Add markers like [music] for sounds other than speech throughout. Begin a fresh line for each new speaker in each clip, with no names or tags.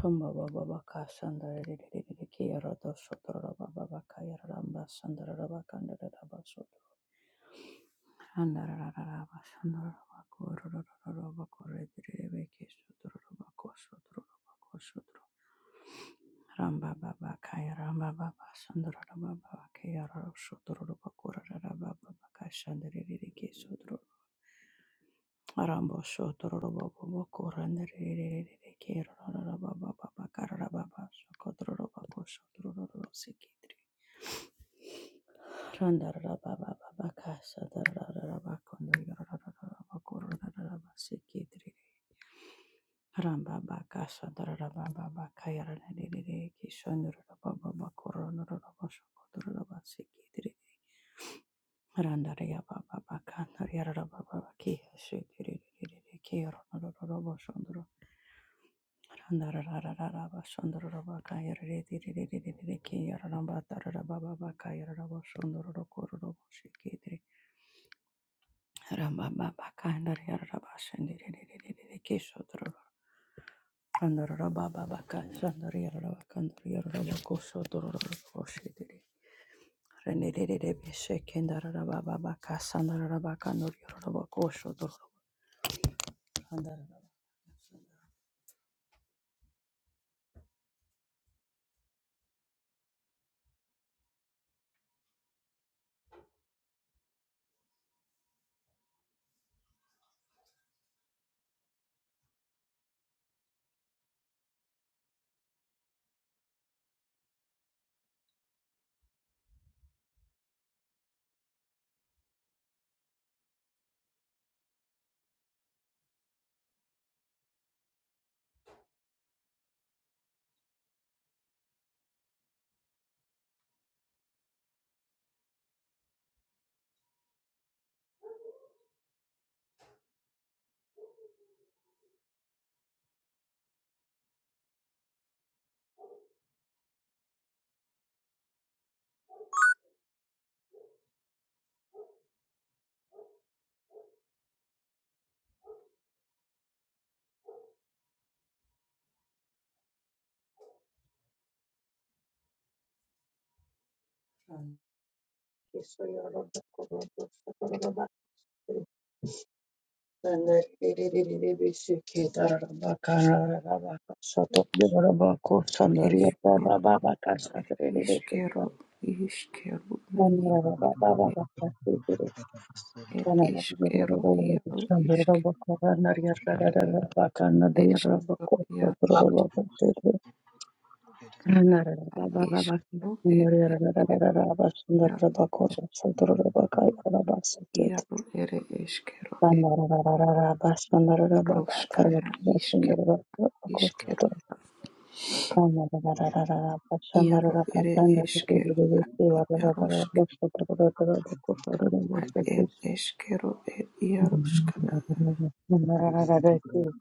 Rumbaba Baba, Sandariki Rodo Sotora Babaka Yaramba Sandaraba Kandaraba Soto Andaraba Sandaraba Kururaba Kuridriki Sotoraba Kosotoraba Sotro Ramba Baba Kaya Ramba Baba Sandaraba Kaya Sotoraba Kuraraba Babaka Sandariki Arambo shotororo baba boko randerererere kerorororo baba baba karara baba shokotororo baba robo sikitri randarara baba baba kasha dararara bakondo yororororo bakororororo basikitri ramba baka shadarara baba baka yararerere kishondororo baba bakororororo bashokotororo basikitri randaraya baba baka nariyarara baba baki shikirerere kerorororo Randara Sandra
Eskero, er iskero, iskero, na ire, er iskero, iaro, iske, eskero, iaro, iskero, er eskero, iaro, iaro, ere eskero,
Rombo
roskana, iskero, iskero, iaro, ere eskero, iarosk, er eskero, er iaroskana,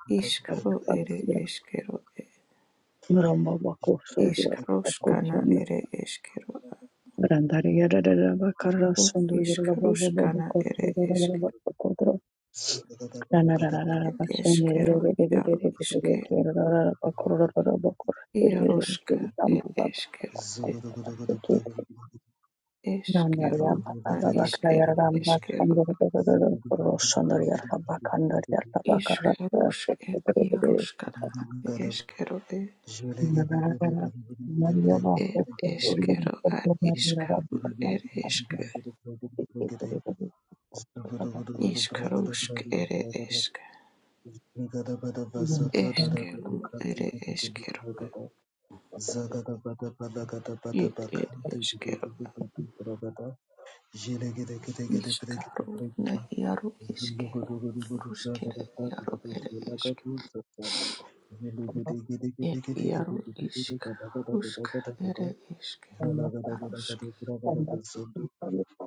iskaro, ere eskero, iskaroskana, ere eskero,
Randari yarararaba karra
Ed
sundu yorulaba baba baba
iskaruskana
korkuru
ere
yorulaba
eske
korkuru. Ranarararaba
ed
şende
eskero iaro
yererererererere
iske
yorulaba korulaba korkuru
iaroska
yerererererere dambu
ed
baba
eskero ed
korkuru sekete. Randari
eskero
baba
na
baba kara
iskere
yararamba sundu
eskero
yorulaba korkuru sundu yorulaba kandır yorulaba karra
iskarusk ed
sekete.
iaroskana ed eskero
Ranarararaba Maria baba
ed ed
korkuru yorulaba
eskero ad
korkuru
iskaru
yararaba
ere eske iskarusk ere eske
Thank
eskeru ere eskero ed ed eskero iskaru na iaro iske Rusk ere iaro ere esk. Er iaro isk. Rusk ere eskero. Rusk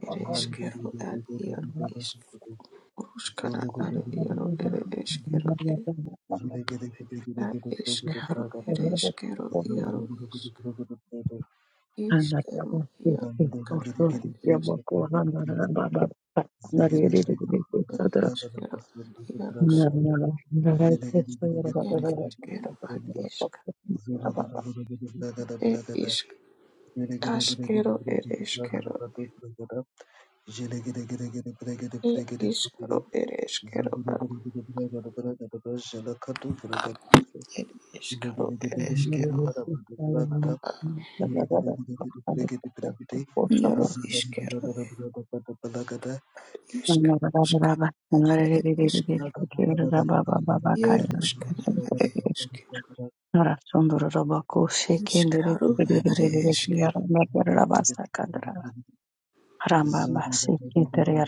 ere eskero ad iaro isk. Ruskara ad iaro ere eskero ere ad eskaro ere eskero iaro isk. Iskero iaro kara ad isk. eskero iaro isk. Ere eskero ad isk. Er isk. Askero ere eskero. Er iskaro ere eskero ad It is caro, it is caro,
you.
Yaro is caro, it is
Ramba baba baba
caro,
yara
it is Yaruskana, it is is caro, it is caro,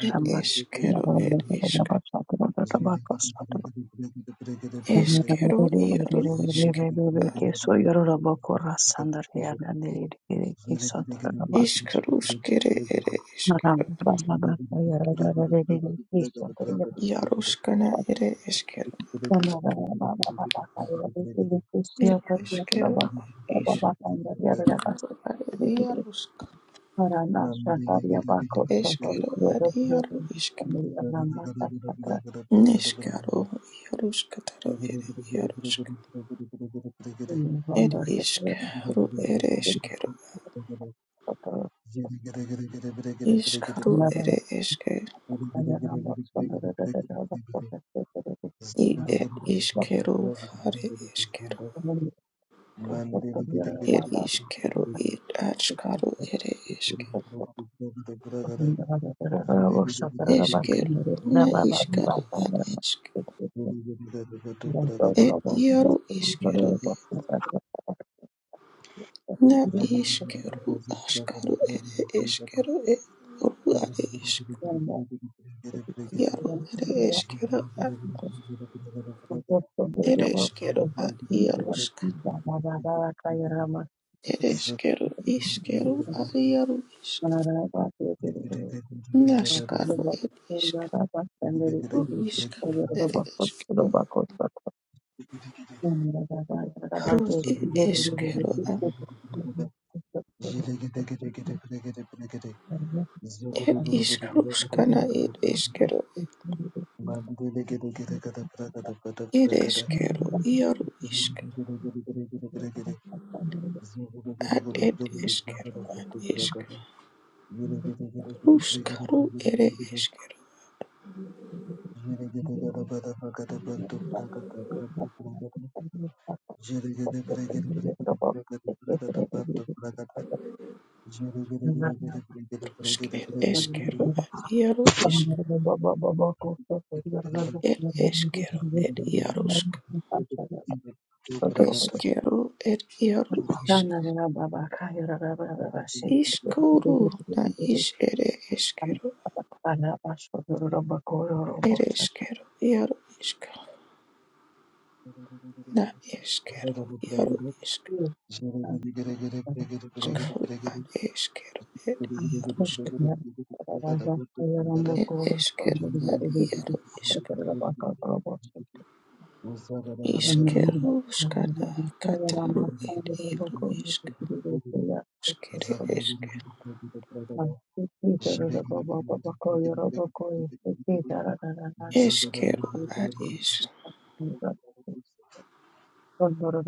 it is caro, it is is caro, Yaro is caro, is caro, scare, it is caro,
da da da da da.
Yaruskana, it is caro,
Thank
it is caro, is caro, Yarusk, is caro, Yarusk. Neskaro Yaroskataro Ere Yarosk Ed Iskaro Ere Eskero Iskaro Ere Eske I Ed Iskero Fare Eskero Ed Iskero Ed Atskaro Ere Eske
you.
Esker Na Iskaro Ad Esk Ed Yaro Iskero Na Iskero Askaro Ere Eskero Ed Oru Ere Isk Yaro Ere Eskero Ad
Thank
Ereskero ad Iarusk Ed eskero, iskero, ariaro, isk, naskaro, ed iskaro, iskaro, ed eskero,
you.
ro,
baba
ed eskero, a- ed iskaro, skana, ed eskero, ed eskero, iaro, isk, ad, ed eskero, ad, isk, ruskaro, ere eskero, rusk, ed eskero, ad, iaro, isk, ed eskero, ed iarosk, eskero, ed iaro, isk. Iskuru na
you.
ish ere eskero
Ana bashororo bakororo
ere
bosha.
eskero iaru ishka na eskero iaru ishka iskuru ad eskero ed iaru ishka ed eskero ad iaro ishka ishkero shkana kataru ed iaru ishka shkere eske eskero ad ish
Thank you. Nandara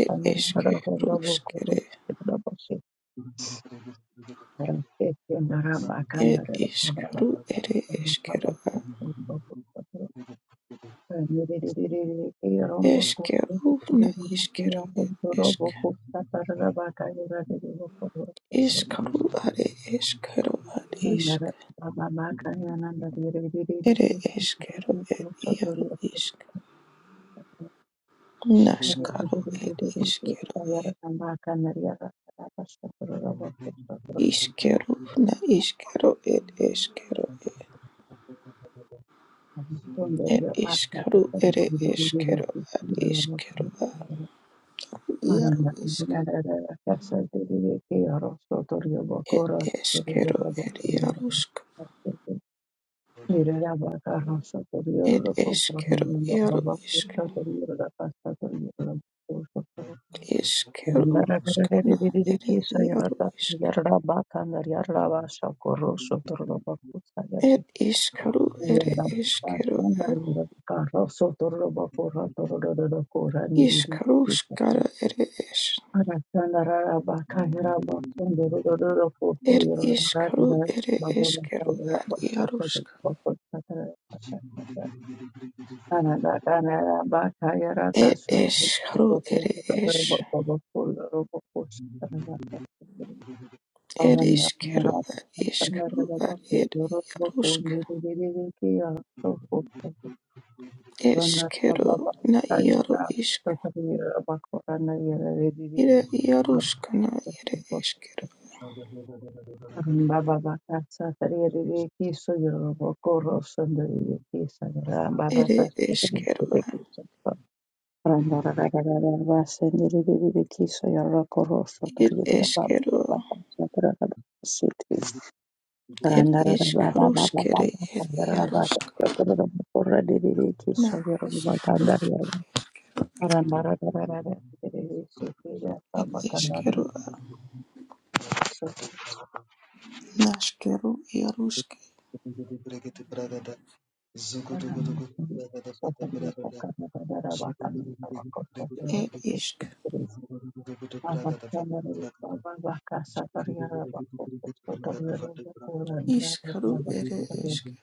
ed eskero shkere ed ishkuru ere eskero ad eskero na ishkero ed eske Iskaru are eskero ad isk
baba baka yana ndarire riri riri
ere
kesi
eskero
kiri
ed
kuri sodori
iaru isk
Thank
naskaro ed iskero iskero na iskero ed eskero ed ed iskaru ere eskero ad iskero ad iaru isk ed eskero ed iaru isk ed eskero iaru isk
you. Thank
iskero skana ere iaru isk
you.
ed iskaru ere eskero ad Iskru skara ere es? Er iskru ere eskero ad iarusk. Er eskru ere es. Er
Aranda
iskero
Mara
ad iskru ad
Sandarabaku
er
Yorobaku
iarusk.
Nidirikia Soko Aranda
Eskero
Sababa
na iaru
Kayana
isk.
Sasavira Baku Aranda Yara
Ere
Ridikis
iarusk na ere eskero.
Aranda Baba Katsa Taria Ridikis Yorobaku Rosandari Kisa Aranda Baba
Ere
Katsa
eskero.
Ridikis Aranda Rararararaba Sendiri Ridikis Yoroko Rosa
Er
Taria
eskero.
Baba Katsa Taria
Er
Randa
iskru skere er iarusk. Na. It is kero nashkero iarusk e isk Ishkaru ere eske,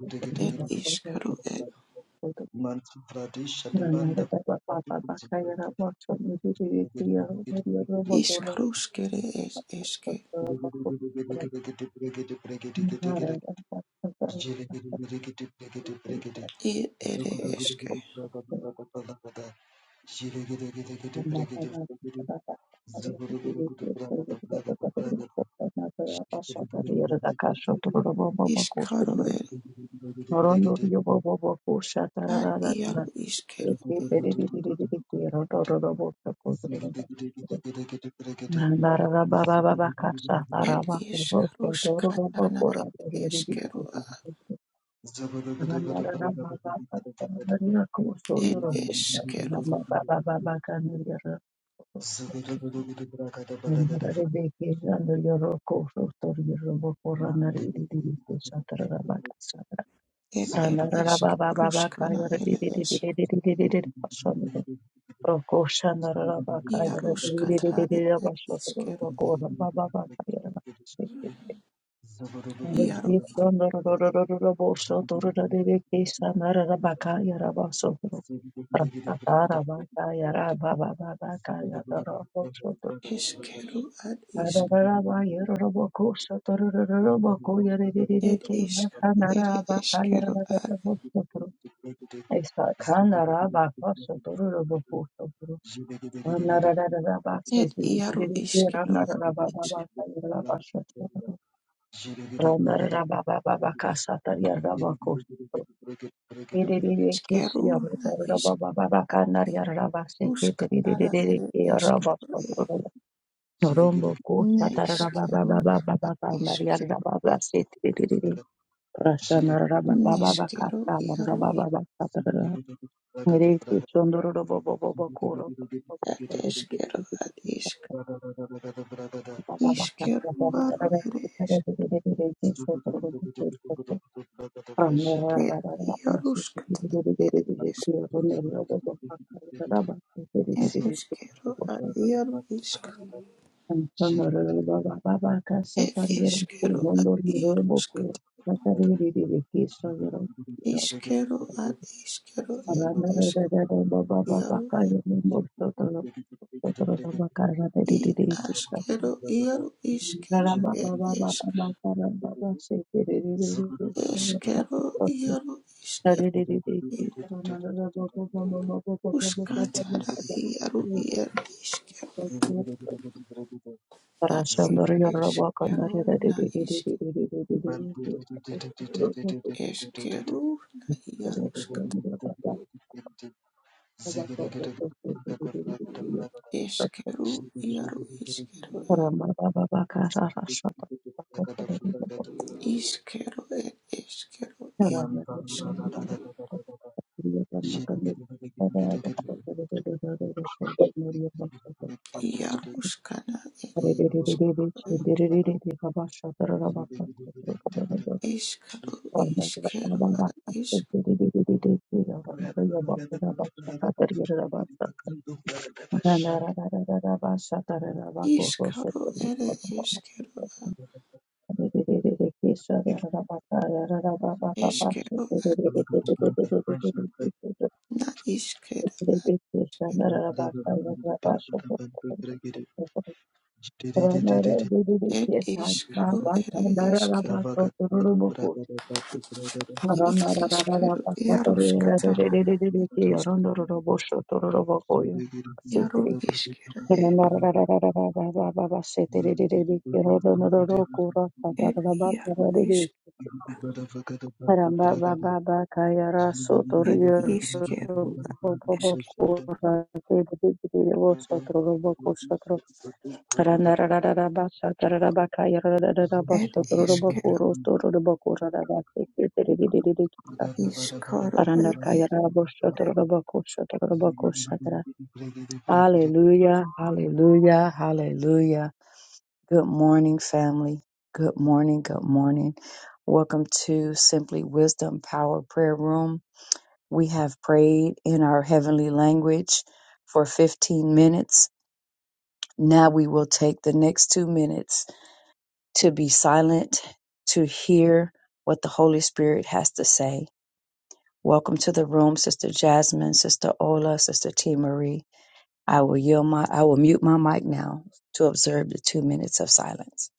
Thank
et ishkaru et, ishkaruskere es eske, i ere eske, ishkaru
you.
ere,
Norono yobo bobo kusha
at
tararara na
iaru iskeru
eke
et,
peri di di di di di ki roto roto bota kudro roto roto narara baba baba kasha
et
taraba kubo shoto roto
ishkaruskatana
boko roto di
et
di di di
eskeru a,
di narara baba narara kusho
et
yoro kuda
eskeru,
narara baba baba kanira narara beke narara be ke andor yoro kusho tor yoro boko narara di di di di sa tarara ba
et et
yara yara yara
ishkaruskana
yara di
ere
di di di
es,
di di di di di di başladı. Roko şanarara baba kayara di di di di di
iaruskatare
di
et
başladı.
iskeru,
Roko ora baba baba kayara başladı.
iaru
Reki şanarara boşa doğru da dedi ki şanarara baka yara başladı. Ratara baka yara baba baba kayara başladı.
eskeru at isk,
Ranarara bayara roko şanarara baka yara di di di
et
Roko
ishkaru ere
Roko
eskeru at,
Roko Rokosha Esakana raba koso toro robo koso toro. Ana rara rara ba se
et
tiri
iaru
tiri tiri
iskeru
rana rara ba ba
at,
ba sa yara ba sa toro. Rana rara ba ba ba ba kasa ta yara ba koso toro. Tiri tiri kisi yara
Esqueruna
rara ba ba ba ba kana
isquus
yara ba se ke tiri tiri
catara
tiri
ere
ki yara ba
esquero
sa
e
toro. Norombo kosa ta rara ba ba
nesquero
ba ba ba ba
ad
kana yara
isquero
ba
e
ba se tiri tiri. Rasana rara ba ba ba ba
nesquero
kasa rara
iaro
ba ba ba sa toro. Mere ki chondoro ro bo bo bo bo koro.
ia esquero ad isc isquero varo ere esquero iarus cat ere esc ere esquero ad iaro isc e esquero ad iarus cat isquero ad isquero ere esc iaro
Thank you. Ramba baba
i asquero iaro isquero ere Eskero iaro iskero Euskatara iaro iaro iskero Eskero na isk Eskero na iaro isk Eskero iaro iskero
baka rara shata
Iskero er eskero
Thank
iaro isk Iaro skana er eskero Iskaro iskero er isk Iskaro er eskero
you. Rana
Eskero er na iskero Ed iskaro ere esker. Ed eskero iaroskatana es iaro iskero ed. Ed iaro isk.
Ramba baba baka yara sotor
Ed
yoro
iskero
bobo
esk.
boko ra de de de de de wo sotor ro boko sotor rana rara rara ba sotor rara baka yara rara rara ba
Ed
sotor ro boko
iskero
ro sotor ro boko rara ba se ke de de de de de kita
iskaro
rana
ed
ka yara bo
esker.
sotor ro boko sotor ro boko sotor hallelujah hallelujah hallelujah good morning family good morning good morning welcome to simply wisdom power prayer room we have prayed in our heavenly language for 15 minutes. Now we will take the next two minutes to be silent, to hear what the Holy Spirit has to say. Welcome to the room, Sister Jasmine, Sister Ola, Sister T. Marie. I will yield my, I will mute my mic now to observe the two minutes of silence.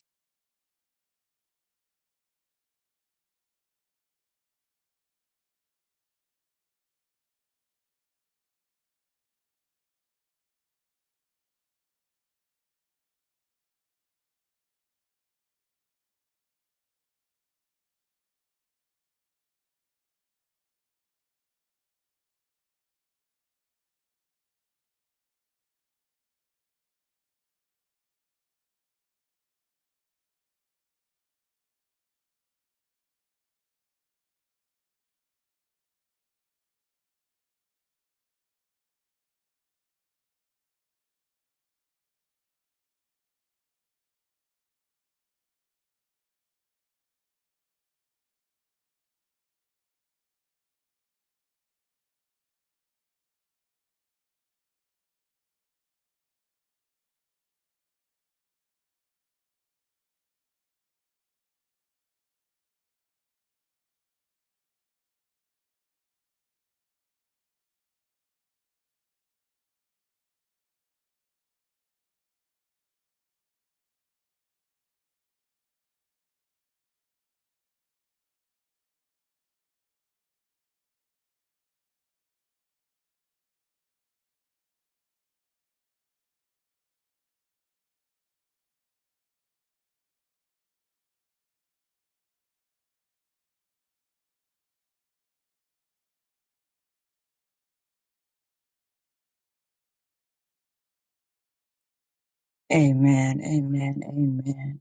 Amen. Amen. Amen.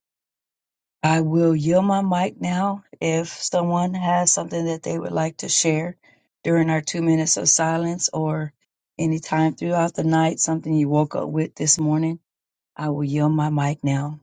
I will yield my mic now if someone has something that they would like to share during our two minutes of silence or any time throughout the night, something you woke up with this morning. I will yield my mic now.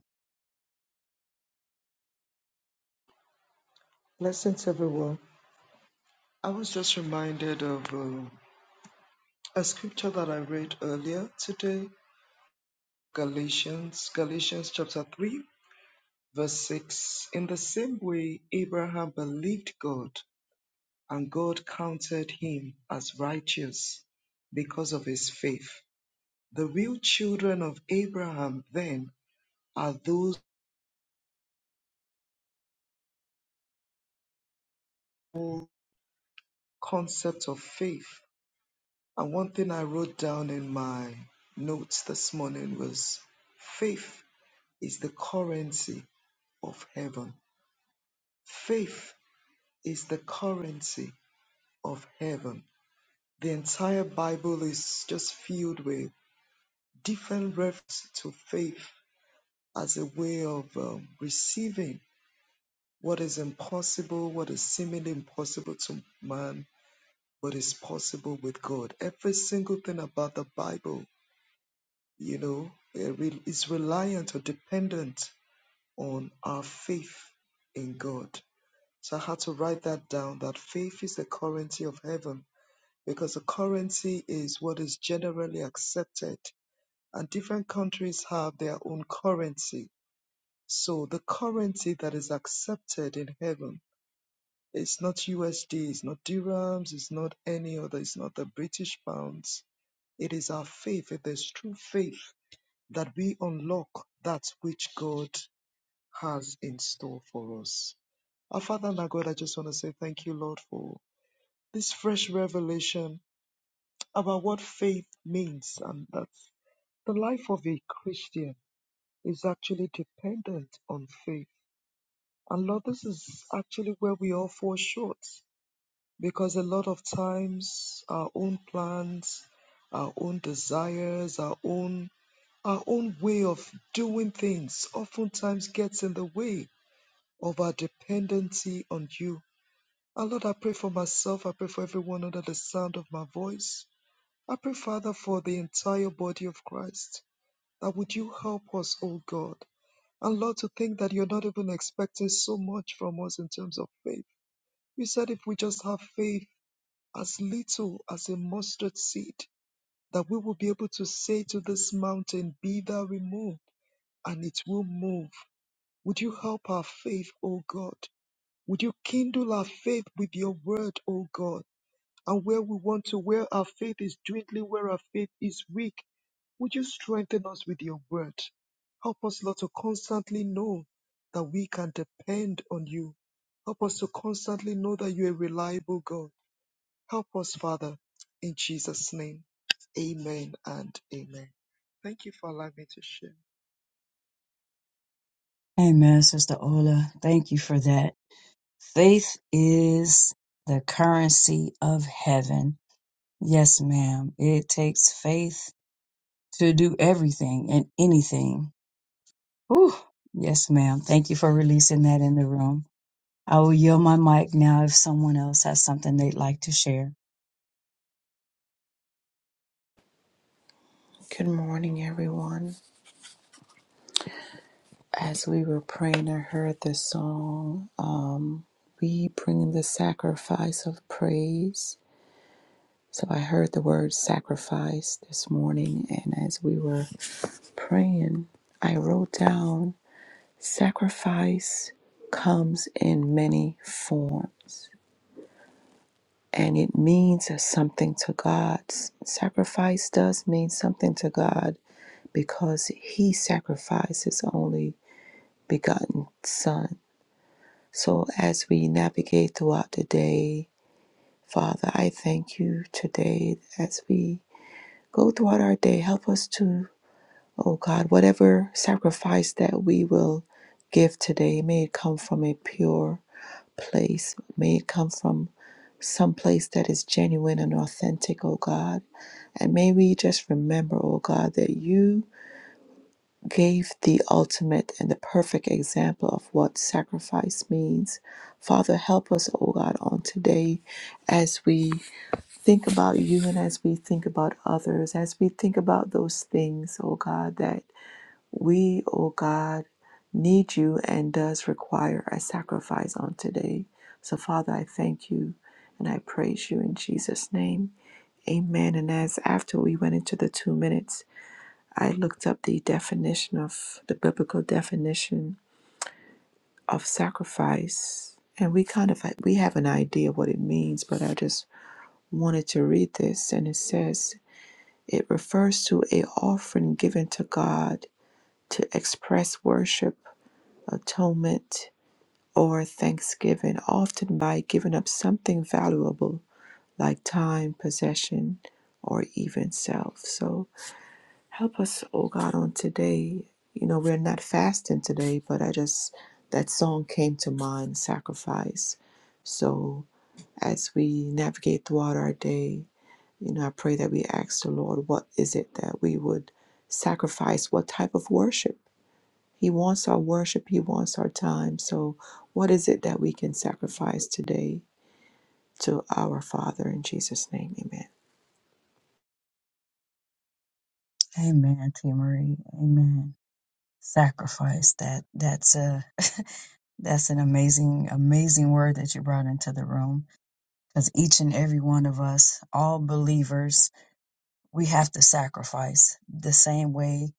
that the life of a Christian is actually dependent on faith. And Lord, this is actually where we all fall short because a lot of times our own plans, our own desires, our own our own way of doing things oftentimes gets in the way of our dependency on you. And Lord, I pray for myself. I pray for everyone under the sound of my voice. I pray, Father, for the entire body of Christ That would you help us, oh God? And Lord, to think that you're not even expecting so much from us in terms of faith. You said if we just have faith as little as a mustard seed, that we will be able to say to this mountain, Be thou removed, and it will move. Would you help our faith, O God? Would you kindle our faith with your word, O God? And where we want to, where our faith is dwindling, where our faith is weak, would you strengthen us with your word? Help us, Lord, to constantly know that we can depend on you. Help us to constantly know that you're a reliable God. Help us, Father, in Jesus' name. Amen and amen. Thank you for allowing me to share.
Amen, Sister Ola. Thank you for that. Faith is the currency of heaven. Yes, ma'am. It takes faith to do everything and anything. Whew. Yes, ma'am. Thank you for releasing that in the room. I will yield my mic now if someone else has something they'd like to share.
Good morning, everyone. As we were praying, I heard this song, We Bring the Sacrifice of Praise. So I heard the word sacrifice this morning, and as we were praying, I wrote down. Sacrifice comes in many forms, and it means something to God. S- Sacrifice does mean something to God because He sacrificed His only begotten Son. So, as we navigate throughout the day, Father, I thank you today as we go throughout our day. Help us to Oh God, whatever sacrifice that we will give today, may it come from a pure place. May it come from some place that is genuine and authentic, oh God. And may we just remember, oh God, that you gave the ultimate and the perfect example of what sacrifice means. Father, help us, oh God, on today as we think about you and as we think about others, as we think about those things, oh God, that we, O God, need you and does require a sacrifice on today. So, Father, I thank you and I praise you in Jesus' name. Amen. And as after we went into the two minutes, I looked up the definition of the biblical definition of sacrifice. And we kind of we have an idea what it means, but I just wanted to read this and it says it refers to a offering given to God to express worship atonement, or thanksgiving, often by giving up something valuable like time, possession, or even self. So help us, oh God, on today. You know, we're not fasting today, but I just, that song came to mind, Sacrifice. So as we navigate throughout our day, you know, I pray that we ask the Lord, what is it that we would sacrifice? What type of worship? He wants our worship, He wants our time. So, what is it that we can sacrifice today to our Father in Jesus' name? Amen.
Amen, Tia Marie. Amen. Sacrifice that. That's a [laughs] that's an amazing, amazing word that you brought into the room. Because each and every one of us, all believers, we have to sacrifice the same way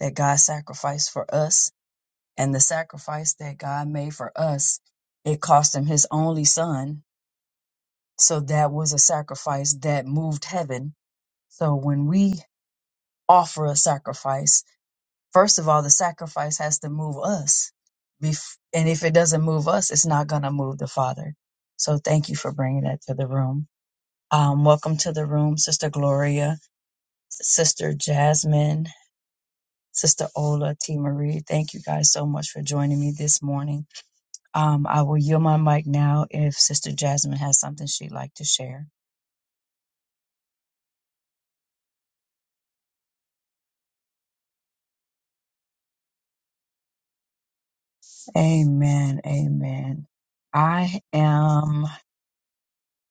that God sacrificed for us, and the sacrifice that God made for us, it cost him his only son. So that was a sacrifice that moved heaven. So when we offer a sacrifice. First of all, the sacrifice has to move us. Bef- and if it doesn't move us, it's not going to move the Father. So thank you for bringing that to the room. Um, welcome to the room, Sister Gloria, Sister Jasmine, Sister Ola, T. Marie. Thank you guys so much for joining me this morning. Um, I will yield my mic now if Sister Jasmine has something she'd like to share. Amen. Amen. I am.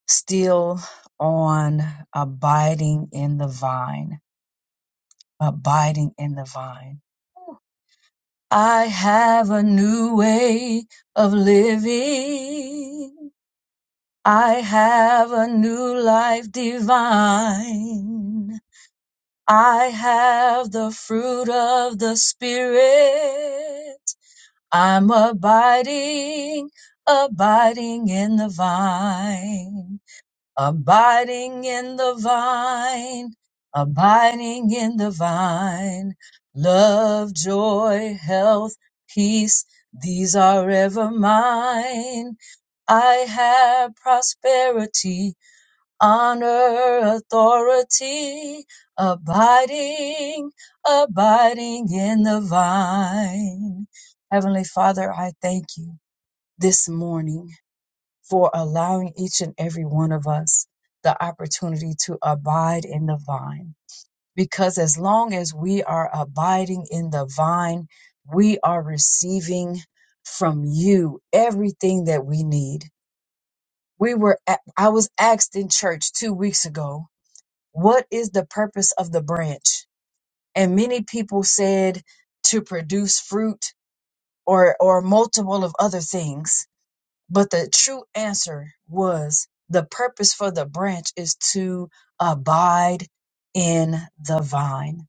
still on abiding in the vine, abiding in the vine. I have a new way of living. I have a new life divine. I have the fruit of the Spirit. I'm abiding, abiding in the vine. abiding in the vine, abiding in the vine. Love, joy, health, peace, these are ever mine. I have prosperity, honor, authority, abiding, abiding in the vine. Heavenly Father, I thank you this morning for allowing each and every one of us the opportunity to abide in the vine. Because as long as we are abiding in the vine, we are receiving from you everything that we need. We were, a- I was asked in church two weeks ago, what is the purpose of the branch? And many people said to produce fruit or, or multiple of other things but the true answer was the purpose for the branch is to abide in the vine.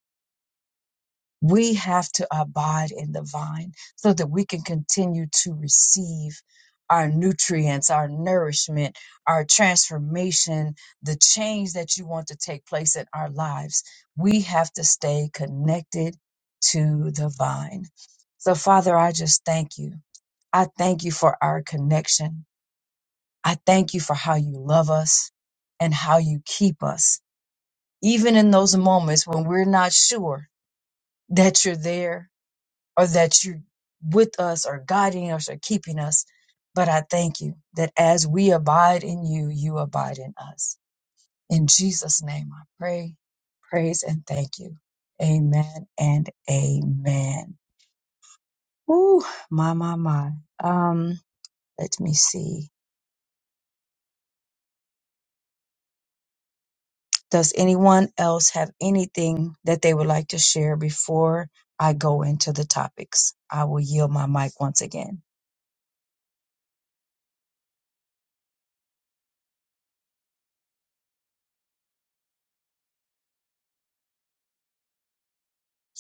We have to abide in the vine so that we can continue to receive our nutrients, our nourishment, our transformation, the change that you want to take place in our lives. We have to stay connected to the vine. So, Father, I just thank you. I thank you for our connection. I thank you for how you love us and how you keep us, even in those moments when we're not sure that you're there or that you're with us or guiding us or keeping us. But I thank you that as we abide in you, you abide in us. In Jesus' name, I pray, praise, and thank you. Amen and amen. Ooh, my, my, my. Um, let me see. Does anyone else have anything that they would like to share before I go into the topics? I will yield my mic once again.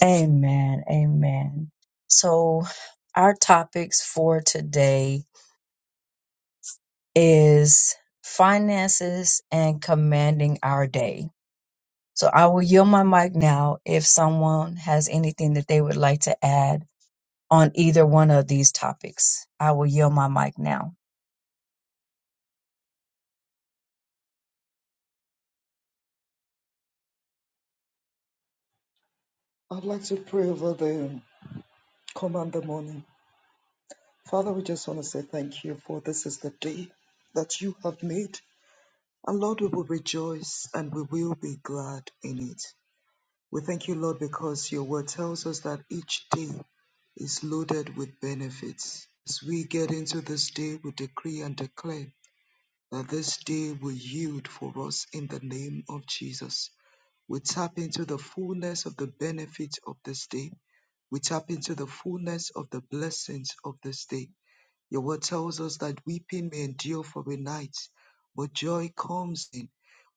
Amen. Amen. So, our topics for today is finances and commanding our day. So, I will yield my mic now if someone has anything that they would like to add on either one of these topics. I will yield my mic now.
I'd like to pray over the command the morning. Father, we just want to say thank you for this is the day that you have made. And Lord, we will rejoice and we will be glad in it. We thank you, Lord, because your word tells us that each day is loaded with benefits. As we get into this day, we decree and declare that this day will yield for us in the name of Jesus. We tap into the fullness of the benefits of this day. We tap into the fullness of the blessings of this day your word tells us that weeping may endure for a night, but joy comes in.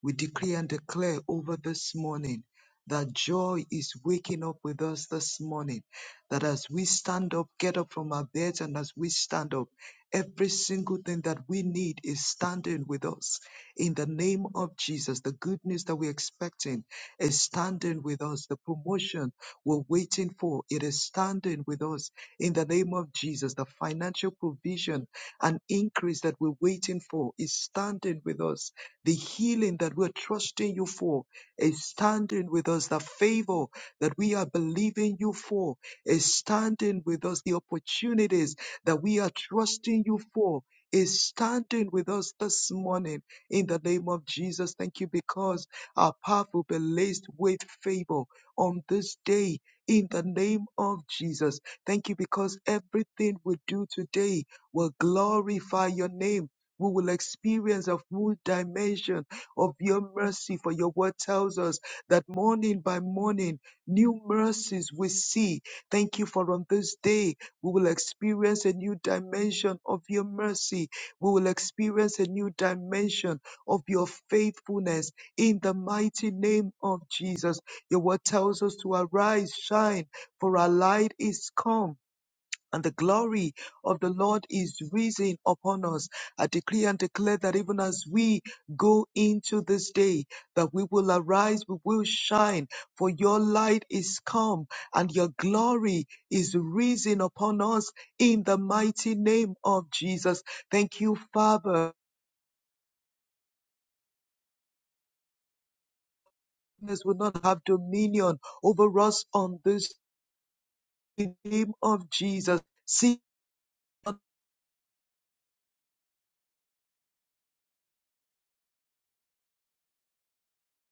We decree and declare over this morning that joy is waking up with us this morning. That as we stand up, get up from our beds, and as we stand up, every single thing that we need is standing with us. In the name of Jesus, the good news that we're expecting is standing with us. The promotion we're waiting for, it is standing with us in the name of Jesus. The financial provision and increase that we're waiting for is standing with us. The healing that we're trusting you for is standing with us. The favor that we are believing you for is standing with us. The opportunities that we are trusting you for is standing with us this morning in the name of Jesus. Thank you because our path will be laced with favor on this day in the name of Jesus. Thank you because everything we do today will glorify your name. We will experience a full dimension of your mercy, for your word tells us that morning by morning, new mercies we see. Thank you for on this day, we will experience a new dimension of your mercy. We will experience a new dimension of your faithfulness in the mighty name of Jesus. Your word tells us to arise, shine for our light is come, and the glory of the Lord is risen upon us. I declare and decree, go away, the wise wine, for it is come, and your glory is risen upon us in the mighty name of Jesus. Thank you, Father. Darkness Will not have dominion over us on this name of Jesus. See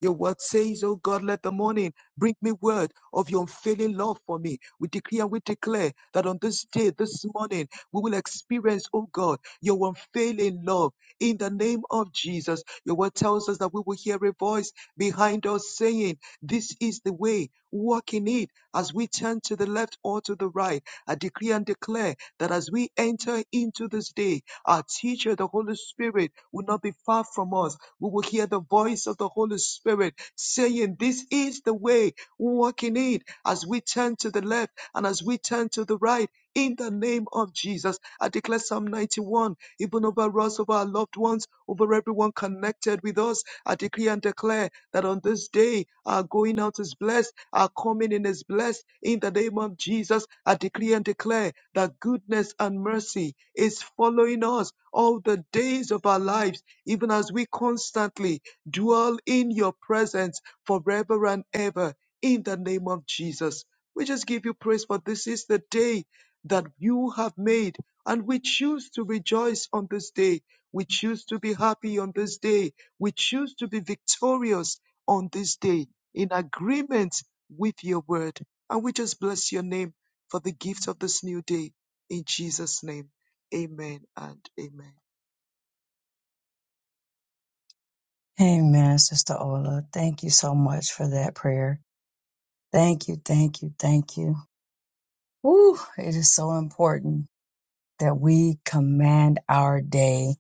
Your word says, Oh God, let the morning bring me word of your unfailing love for me. We decree and we declare that on this day, this morning, we will experience, oh God, your unfailing love in the name of Jesus. Your word tells us that we will hear a voice behind us saying, This is the way, walk in it as we turn to the left or to the right. I decree and declare that as we enter into this day, our teacher, the Holy Spirit, will not be far from us we will hear the voice of the Holy Spirit saying, This is the way, walk in it as we turn to the left and as we turn to the right. In the name of Jesus, I declare Psalm 91, even over us, over our loved ones, over everyone connected with us. I decree and declare that on this day, our going out is blessed, our coming in is blessed. In the name of Jesus, I decree and declare that goodness and mercy is following us all the days of our lives even as we constantly dwell in your presence forever and ever in the name of Jesus. We just give you praise for this is the day that you have made and we choose to rejoice on this day. We choose to be happy on this day. We choose to be victorious on this day in agreement with your word. And we just bless your name for the gift of this new day in Jesus' name. Amen and amen.
Amen, Sister Ola. Thank you so much for that prayer. Thank you, thank you, thank you. Woo, it is so important that we command our day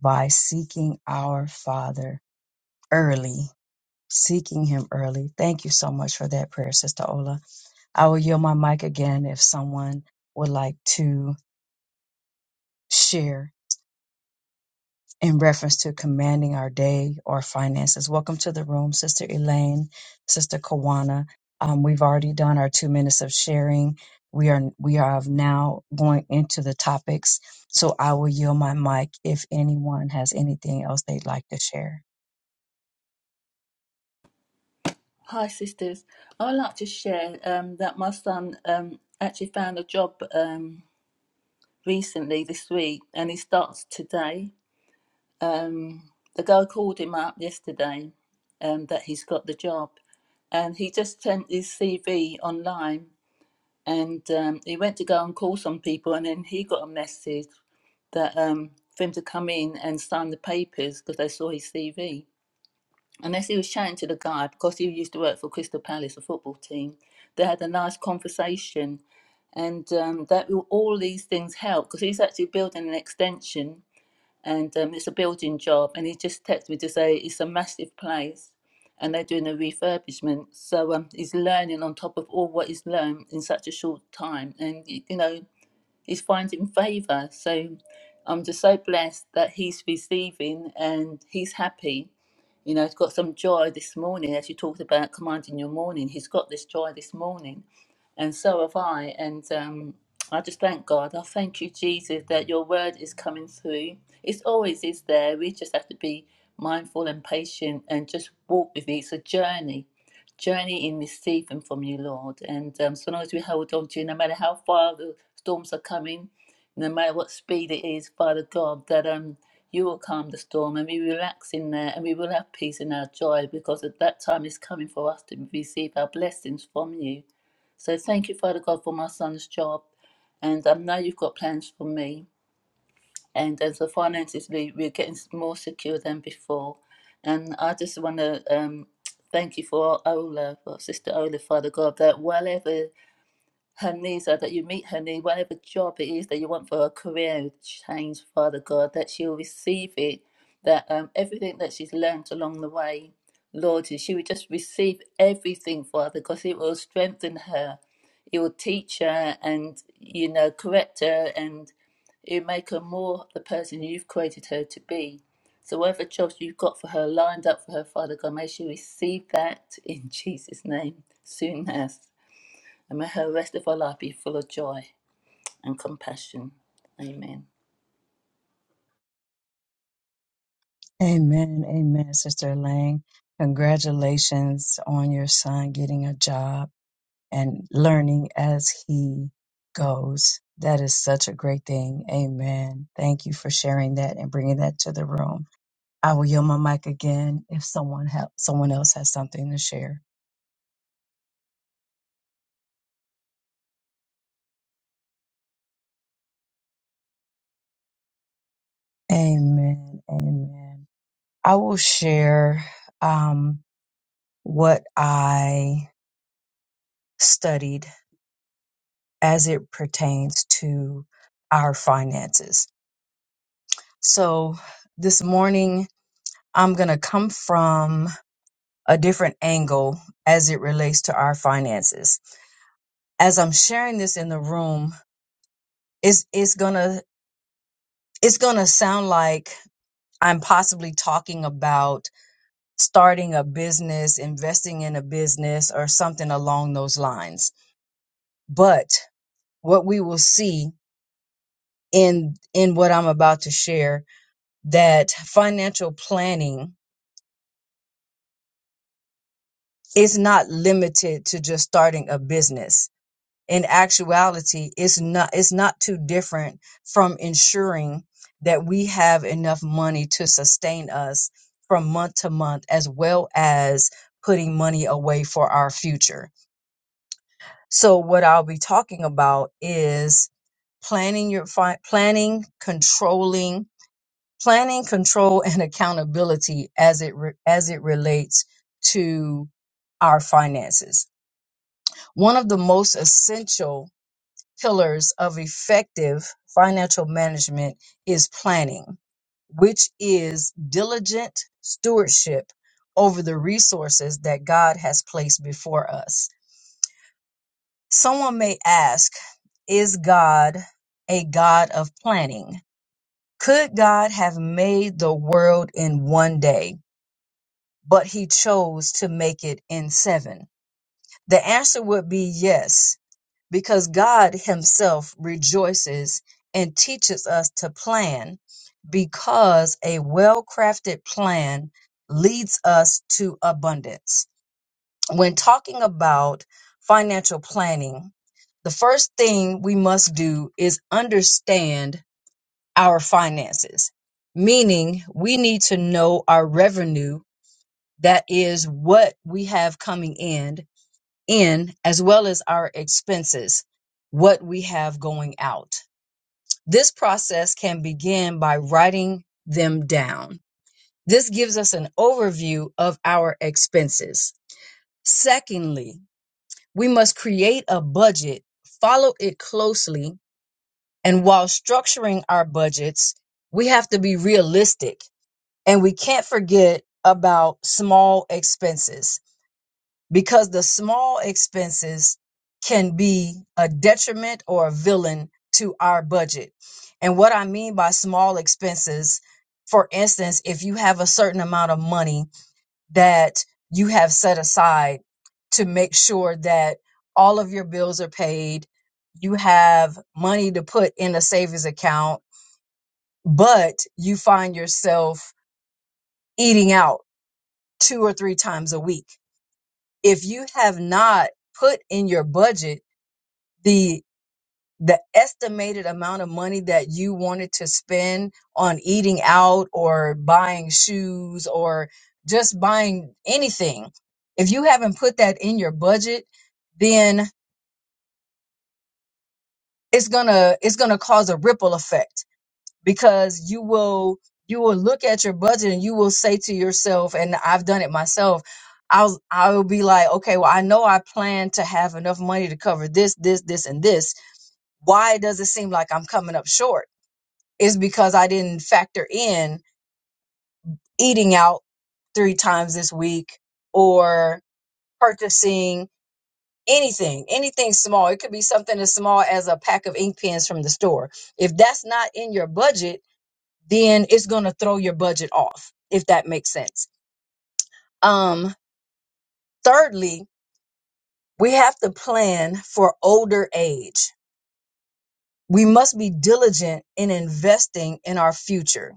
by seeking our Father early, seeking Him early. Thank you so much for that prayer, Sister Ola. I will yield my mic again if someone would like to share in reference to commanding our day or finances. Welcome to the room, Sister Elaine, Sister Kawana. Um, we've already done our two minutes of sharing. We are we are now going into the topics. So I will yield my mic if anyone has anything else they'd like to share.
Hi, sisters. I would like to share um, that my son um, actually found a job um, recently this week and he starts today. Um, the girl called him up yesterday um, that he's got the job and he just sent his CV online and um, he went to go and call some people and then he got a message that um, for him to come in and sign the papers because they saw his CV Unless he was shouting to the guy because he used to work for Crystal Palace, a football team. They had a nice conversation, and um, that will- all these things help because he's actually building an extension, and um, it's a building job. And he just texted me to say it's a massive place, and they're doing a refurbishment. So um, he's learning on top of all what he's learned in such a short time, and y- you know. Is finding favor. So I'm just so blessed that he's receiving and he's happy. You know, he's got some joy this morning, as you talked about commanding your morning. He's got this joy this morning, and so have I. And um, I just thank God. I thank you, Jesus, that your word is coming through. It's always is there. We just have to be mindful and patient and just walk with it. It's a journey journey in receiving from you, Lord. And um, so long as we hold on to you, no matter how far the storms are coming, no matter what speed it is, Father God, that um you will calm the storm and we relax in there and we will have peace in our joy because at that time is coming for us to receive our blessings from you. So thank you, Father God, for my son's job. And I know you've got plans for me and as the finances we, we're getting more secure than before and i just want to um, thank you for ola for sister ola father god that whatever her needs are that you meet her need whatever job it is that you want for her career change father god that she'll receive it that um, everything that she's learned along the way lord she will just receive everything father because it will strengthen her it will teach her and you know correct her and. It would make her more the person you've created her to be. So whatever jobs you've got for her lined up for her, Father God, may she receive that in [laughs] Jesus' name soon as. And may her rest of her life be full of joy and compassion. Amen.
Amen. Amen, Sister Elaine. Congratulations on your son getting a job and learning as he goes. That is such a great thing. Amen. Thank you for sharing that and bringing that to the room. I will yield my mic again if someone ha- someone else has something to share. Amen. Amen. I will share um, what I studied as it pertains to our finances. So this morning, I'm going to come from a different angle as it relates to our finances. As I'm sharing this in the room, it's it's gonna it's gonna sound like I'm possibly talking about starting a business, investing in a business, or something along those lines. But what we will see in in what I'm about to share that financial planning is not limited to just starting a business in actuality it's not it's not too different from ensuring that we have enough money to sustain us from month to month as well as putting money away for our future so what i'll be talking about is planning your fi- planning controlling planning control and accountability as it re- as it relates to our finances one of the most essential pillars of effective financial management is planning, which is diligent stewardship over the resources that God has placed before us. Someone may ask, is God a God of planning? Could God have made the world in one day, but he chose to make it in seven? The answer would be yes because God Himself rejoices and teaches us to plan because a well crafted plan leads us to abundance. When talking about financial planning, the first thing we must do is understand our finances, meaning we need to know our revenue. That is what we have coming in in as well as our expenses, what we have going out. This process can begin by writing them down. This gives us an overview of our expenses. Secondly, we must create a budget, follow it closely, and while structuring our budgets, we have to be realistic and we can't forget about small expenses because the small expenses can be a detriment or a villain to our budget. And what I mean by small expenses, for instance, if you have a certain amount of money that you have set aside to make sure that all of your bills are paid, you have money to put in a savings account, but you find yourself eating out two or three times a week. If you have not put in your budget the the estimated amount of money that you wanted to spend on eating out or buying shoes or just buying anything if you haven't put that in your budget then it's going to it's going to cause a ripple effect because you will you will look at your budget and you will say to yourself and I've done it myself I'll I'll be like okay well I know I plan to have enough money to cover this this this and this why does it seem like I'm coming up short is because I didn't factor in eating out three times this week or purchasing anything, anything small. It could be something as small as a pack of ink pens from the store. If that's not in your budget, then it's going to throw your budget off, if that makes sense. Um, thirdly, we have to plan for older age. We must be diligent in investing in our future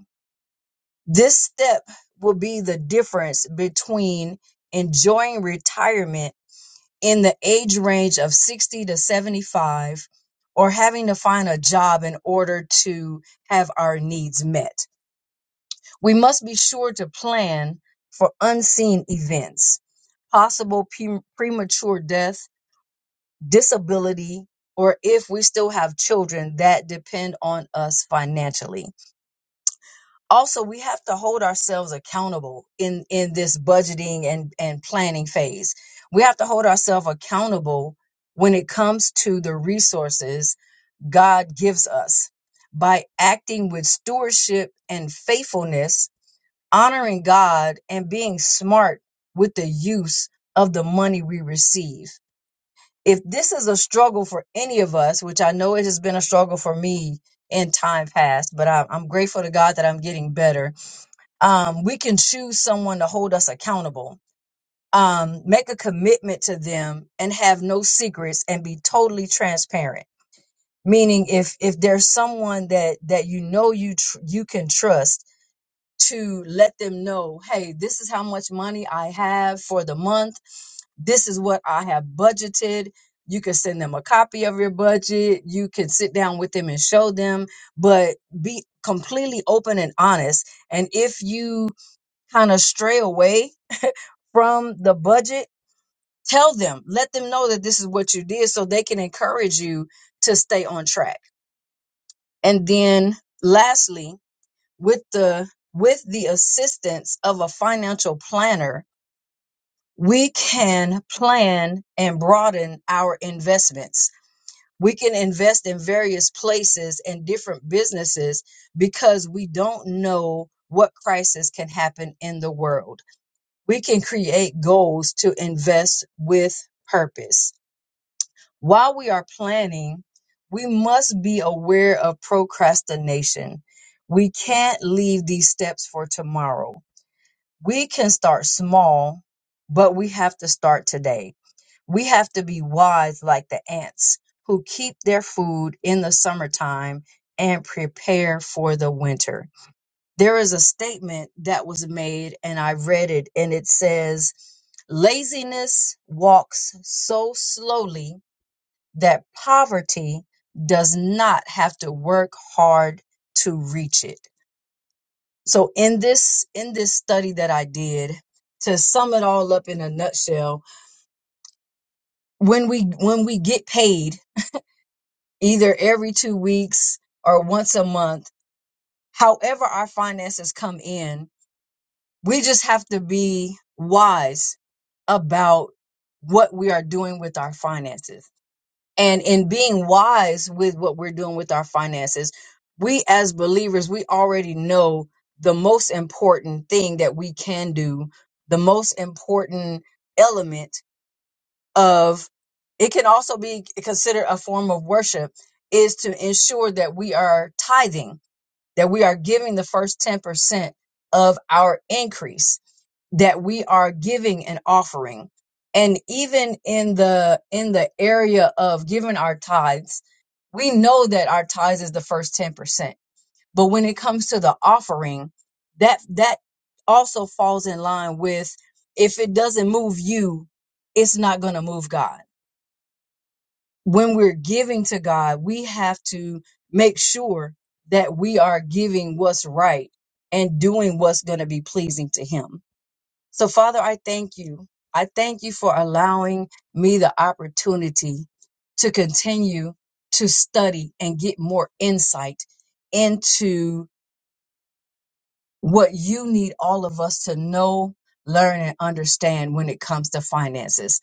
This step will be the difference between enjoying retirement in the age range of 60 to 75 or having to find a job in order to have our needs met. We must be sure to plan for unseen events, possible pre- premature death, disability, or if we still have children that depend on us financially also we have to hold ourselves accountable in in this budgeting and and planning phase we have to hold ourselves accountable when it comes to the resources god gives us by acting with stewardship and faithfulness honoring god and being smart with the use of the money we receive if this is a struggle for any of us which i know it has been a struggle for me in time past but I, i'm grateful to god that i'm getting better um, we can choose someone to hold us accountable um, make a commitment to them and have no secrets and be totally transparent meaning if if there's someone that that you know you tr- you can trust to let them know hey this is how much money i have for the month this is what i have budgeted you can send them a copy of your budget you can sit down with them and show them but be completely open and honest and if you kind of stray away from the budget, tell them, let them know that this is what you did so they can encourage you to stay on track. And then lastly, with the with the assistance of a financial planner, we can plan and broaden our investments. We can invest in various places and different businesses because we don't know what crisis can happen in the world we can create goals to invest with purpose. While we are planning, we must be aware of procrastination. We can't leave these steps for tomorrow. We can start small, but we have to start today. We have to be wise like the ants who keep their food in the summertime and prepare for the winter there is a statement that was made and I read it and it says, laziness walks so slowly that poverty does not have to work hard to reach it. So in this in this study that I did, to sum it all up in a nutshell, when we when we get paid either every 2 weeks or once a month, however our finances come in, We just have to be wise about what we are doing with our finances. And in being wise with what we're doing with our finances, we as believers, we already know the most important thing that we can do, the most important element of it can also be considered a form of worship is to ensure that we are tithing, that we are giving the first 10% of our increase that we are giving an offering and even in the in the area of giving our tithes we know that our tithes is the first 10% but when it comes to the offering that that also falls in line with if it doesn't move you it's not going to move god when we're giving to god we have to make sure that we are giving what's right and doing what's going to be pleasing to him so, Father, I thank you. I thank you for allowing me the opportunity to continue to study and get more insight into what you need all of us to know, learn, and understand when it comes to finances.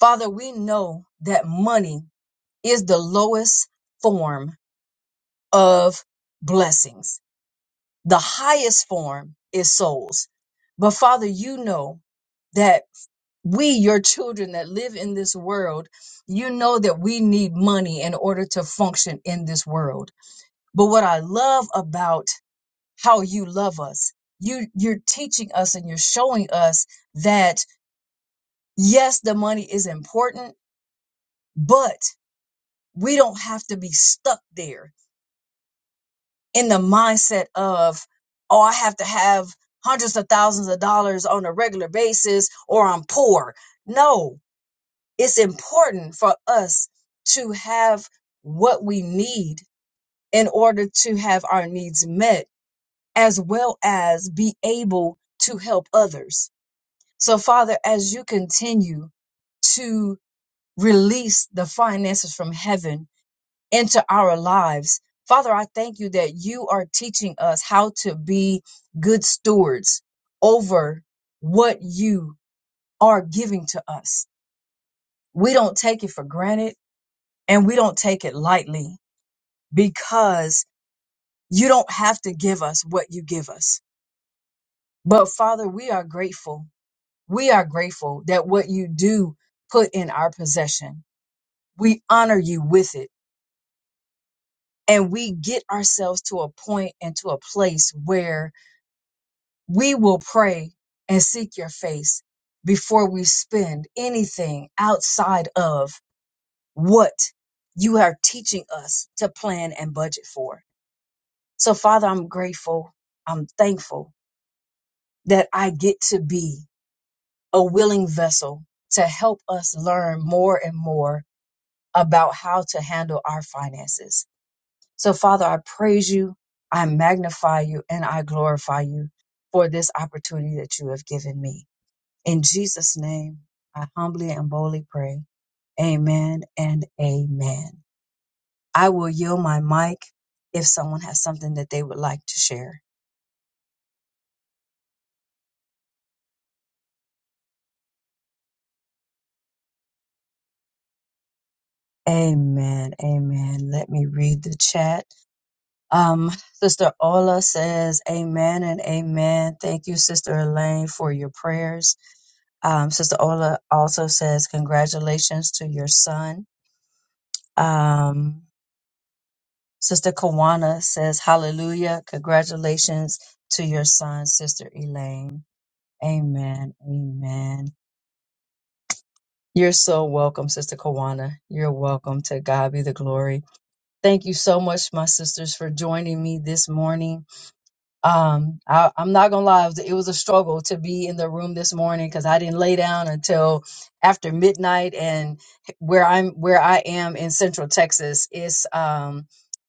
Father, we know that money is the lowest form of blessings, the highest form is souls. But, Father, you know that. we, your children that live in this world, you know that we need money in order to function in this world. But what I love about how you love us, you you're teaching us and you're showing us that yes, the money is important, but we don't have to be stuck there in the mindset of, oh, I have to have hundreds of thousands of dollars on a regular basis or I'm poor. No, it's important for us to have what we need in order to have our needs met, as well as be able to help others. So, Father, as you continue to release the finances from heaven into our lives, Father, I thank you that you are teaching us how to be good stewards over what you are giving to us. We don't take it for granted and we don't take it lightly because you don't have to give us what you give us. But Father, we are grateful. We are grateful that what you do put in our possession, we honor you with it. And we get ourselves to a point and to a place where we will pray and seek your face before we spend anything outside of what you are teaching us to plan and budget for. So, Father, I'm grateful. I'm thankful that I get to be a willing vessel to help us learn more and more about how to handle our finances. So, Father, I praise you, I magnify you, and I glorify you for this opportunity that you have given me. In Jesus' name, I humbly and boldly pray. Amen and amen. I will yield my mic if someone has something that they would like to share. Amen. Amen. Let me read the chat. Um, Sister Ola says, Amen and Amen. Thank you, Sister Elaine, for your prayers. Um, Sister Ola also says, Congratulations to your son. Um, Sister Kawana says, Hallelujah. Congratulations to your son, Sister Elaine. Amen. Amen. You're so welcome, Sister Kawana. You're welcome. To God be the glory. Thank you so much, my sisters, for joining me this morning. Um, I, I'm not gonna lie, it was, it was a struggle to be in the room this morning because I didn't lay down until after midnight. And where I'm, where I am in Central Texas, it's um,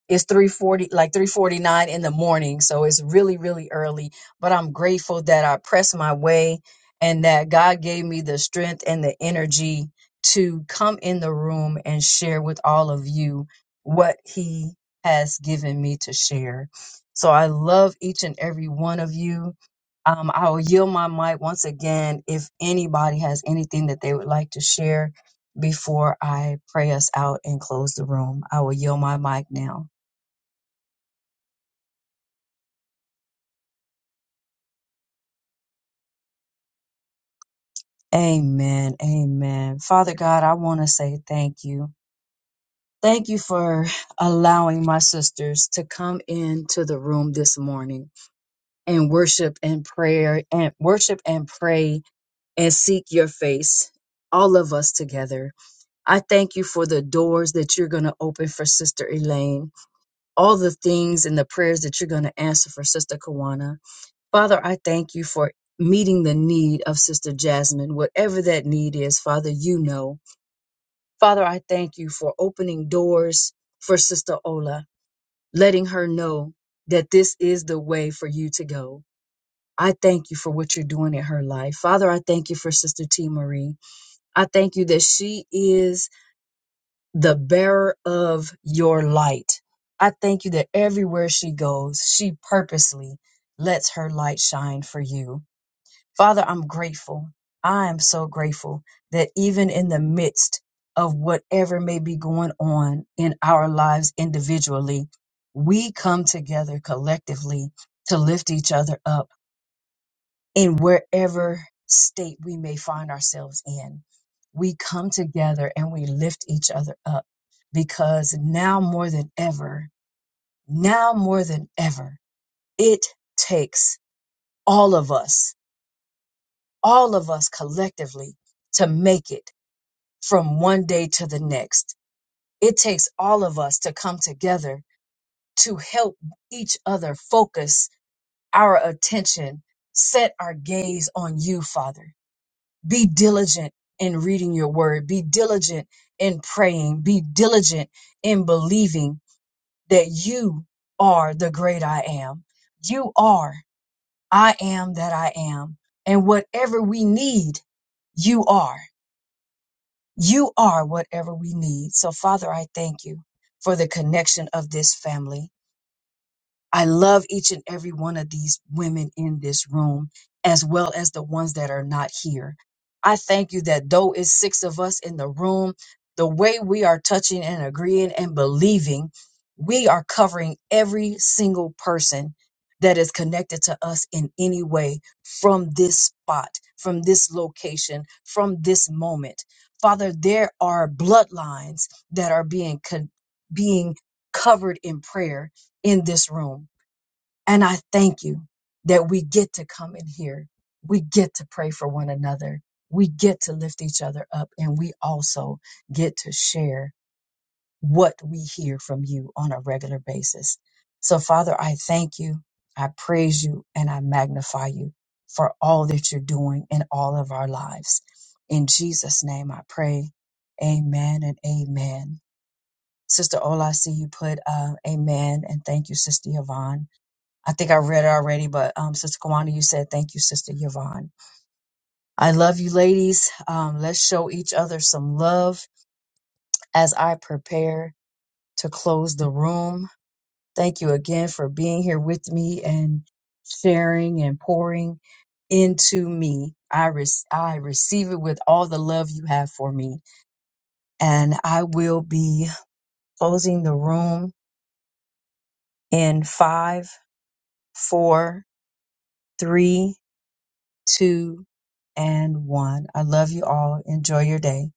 it's 3:40, like 3:49 in the morning, so it's really, really early. But I'm grateful that I pressed my way and that God gave me the strength and the energy to come in the room and share with all of you what He has given me to share so I love each and every one of you. Um, I will yield my mic once again if anybody has anything that they would like to share before I pray us out and close the room. I will yield my mic now. Amen. Amen. Father God, I want to say thank you. Thank you for [sighs] allowing my sisters to come into the room this morning and worship and prayer and worship and pray and seek your face, all of us together. I thank you for the doors that you're going to open for Sister Elaine, all the things and the prayers that you're going to answer for Sister Kawana. Father, I thank you for meeting the need of Sister Jasmine, whatever that need is, Father, you know. Father, I thank you for opening doors for Sister Ola, letting her know that this is the way for you to go. I thank you for what you're doing in her life. Father, I thank you for Sister T. Marie. I thank you that she is the bearer of your light. I thank you that everywhere she goes, she purposely lets her light shine for you. Father, I'm grateful. I am so grateful that even in the midst of whatever may be going on in our lives individually, we come together collectively to lift each other up in wherever state we may find ourselves in. We come together and we lift each other up because now more than ever, now more than ever, it takes all of us, all of us collectively to make it from one day to the next. It takes all of us to come together to help each other focus our attention, set our gaze on you, Father Be diligent in reading your word. Be diligent in praying. Be diligent in believing that you are the great I am. You are. I am that I am. And whatever we need, you are. You are whatever we need. So, Father, I thank you for the connection of this family. I love each and every one of these women in this room, as well as the ones that are not here. I thank you that though it's six of us in the room, the way we are touching and agreeing and believing, we are covering every single person that is connected to us in any way from this spot, from this location, from this moment. Father, there are bloodlines that are being con- being covered in prayer in this room and I thank you that we get to come in here. We get to pray for one another. We get to lift each other up. And we also get to share what we hear from you on a regular basis. So, Father, I thank you. I praise you and I magnify you for all that you're doing in all of our lives. In Jesus' name I pray. Amen and amen. Sister Ola, I see you put uh, amen and thank you, Sister Yvonne. I think I read it already, but um, Sister Kawana, you said thank you, Sister Yvonne. I love you, ladies. Um, let's show each other some love as I prepare to close the room. Thank you again for being here with me and sharing and pouring into me. I re- I receive it with all the love you have for me, and I will be closing the room in five, four, three two, and one. I love you all. Enjoy your day.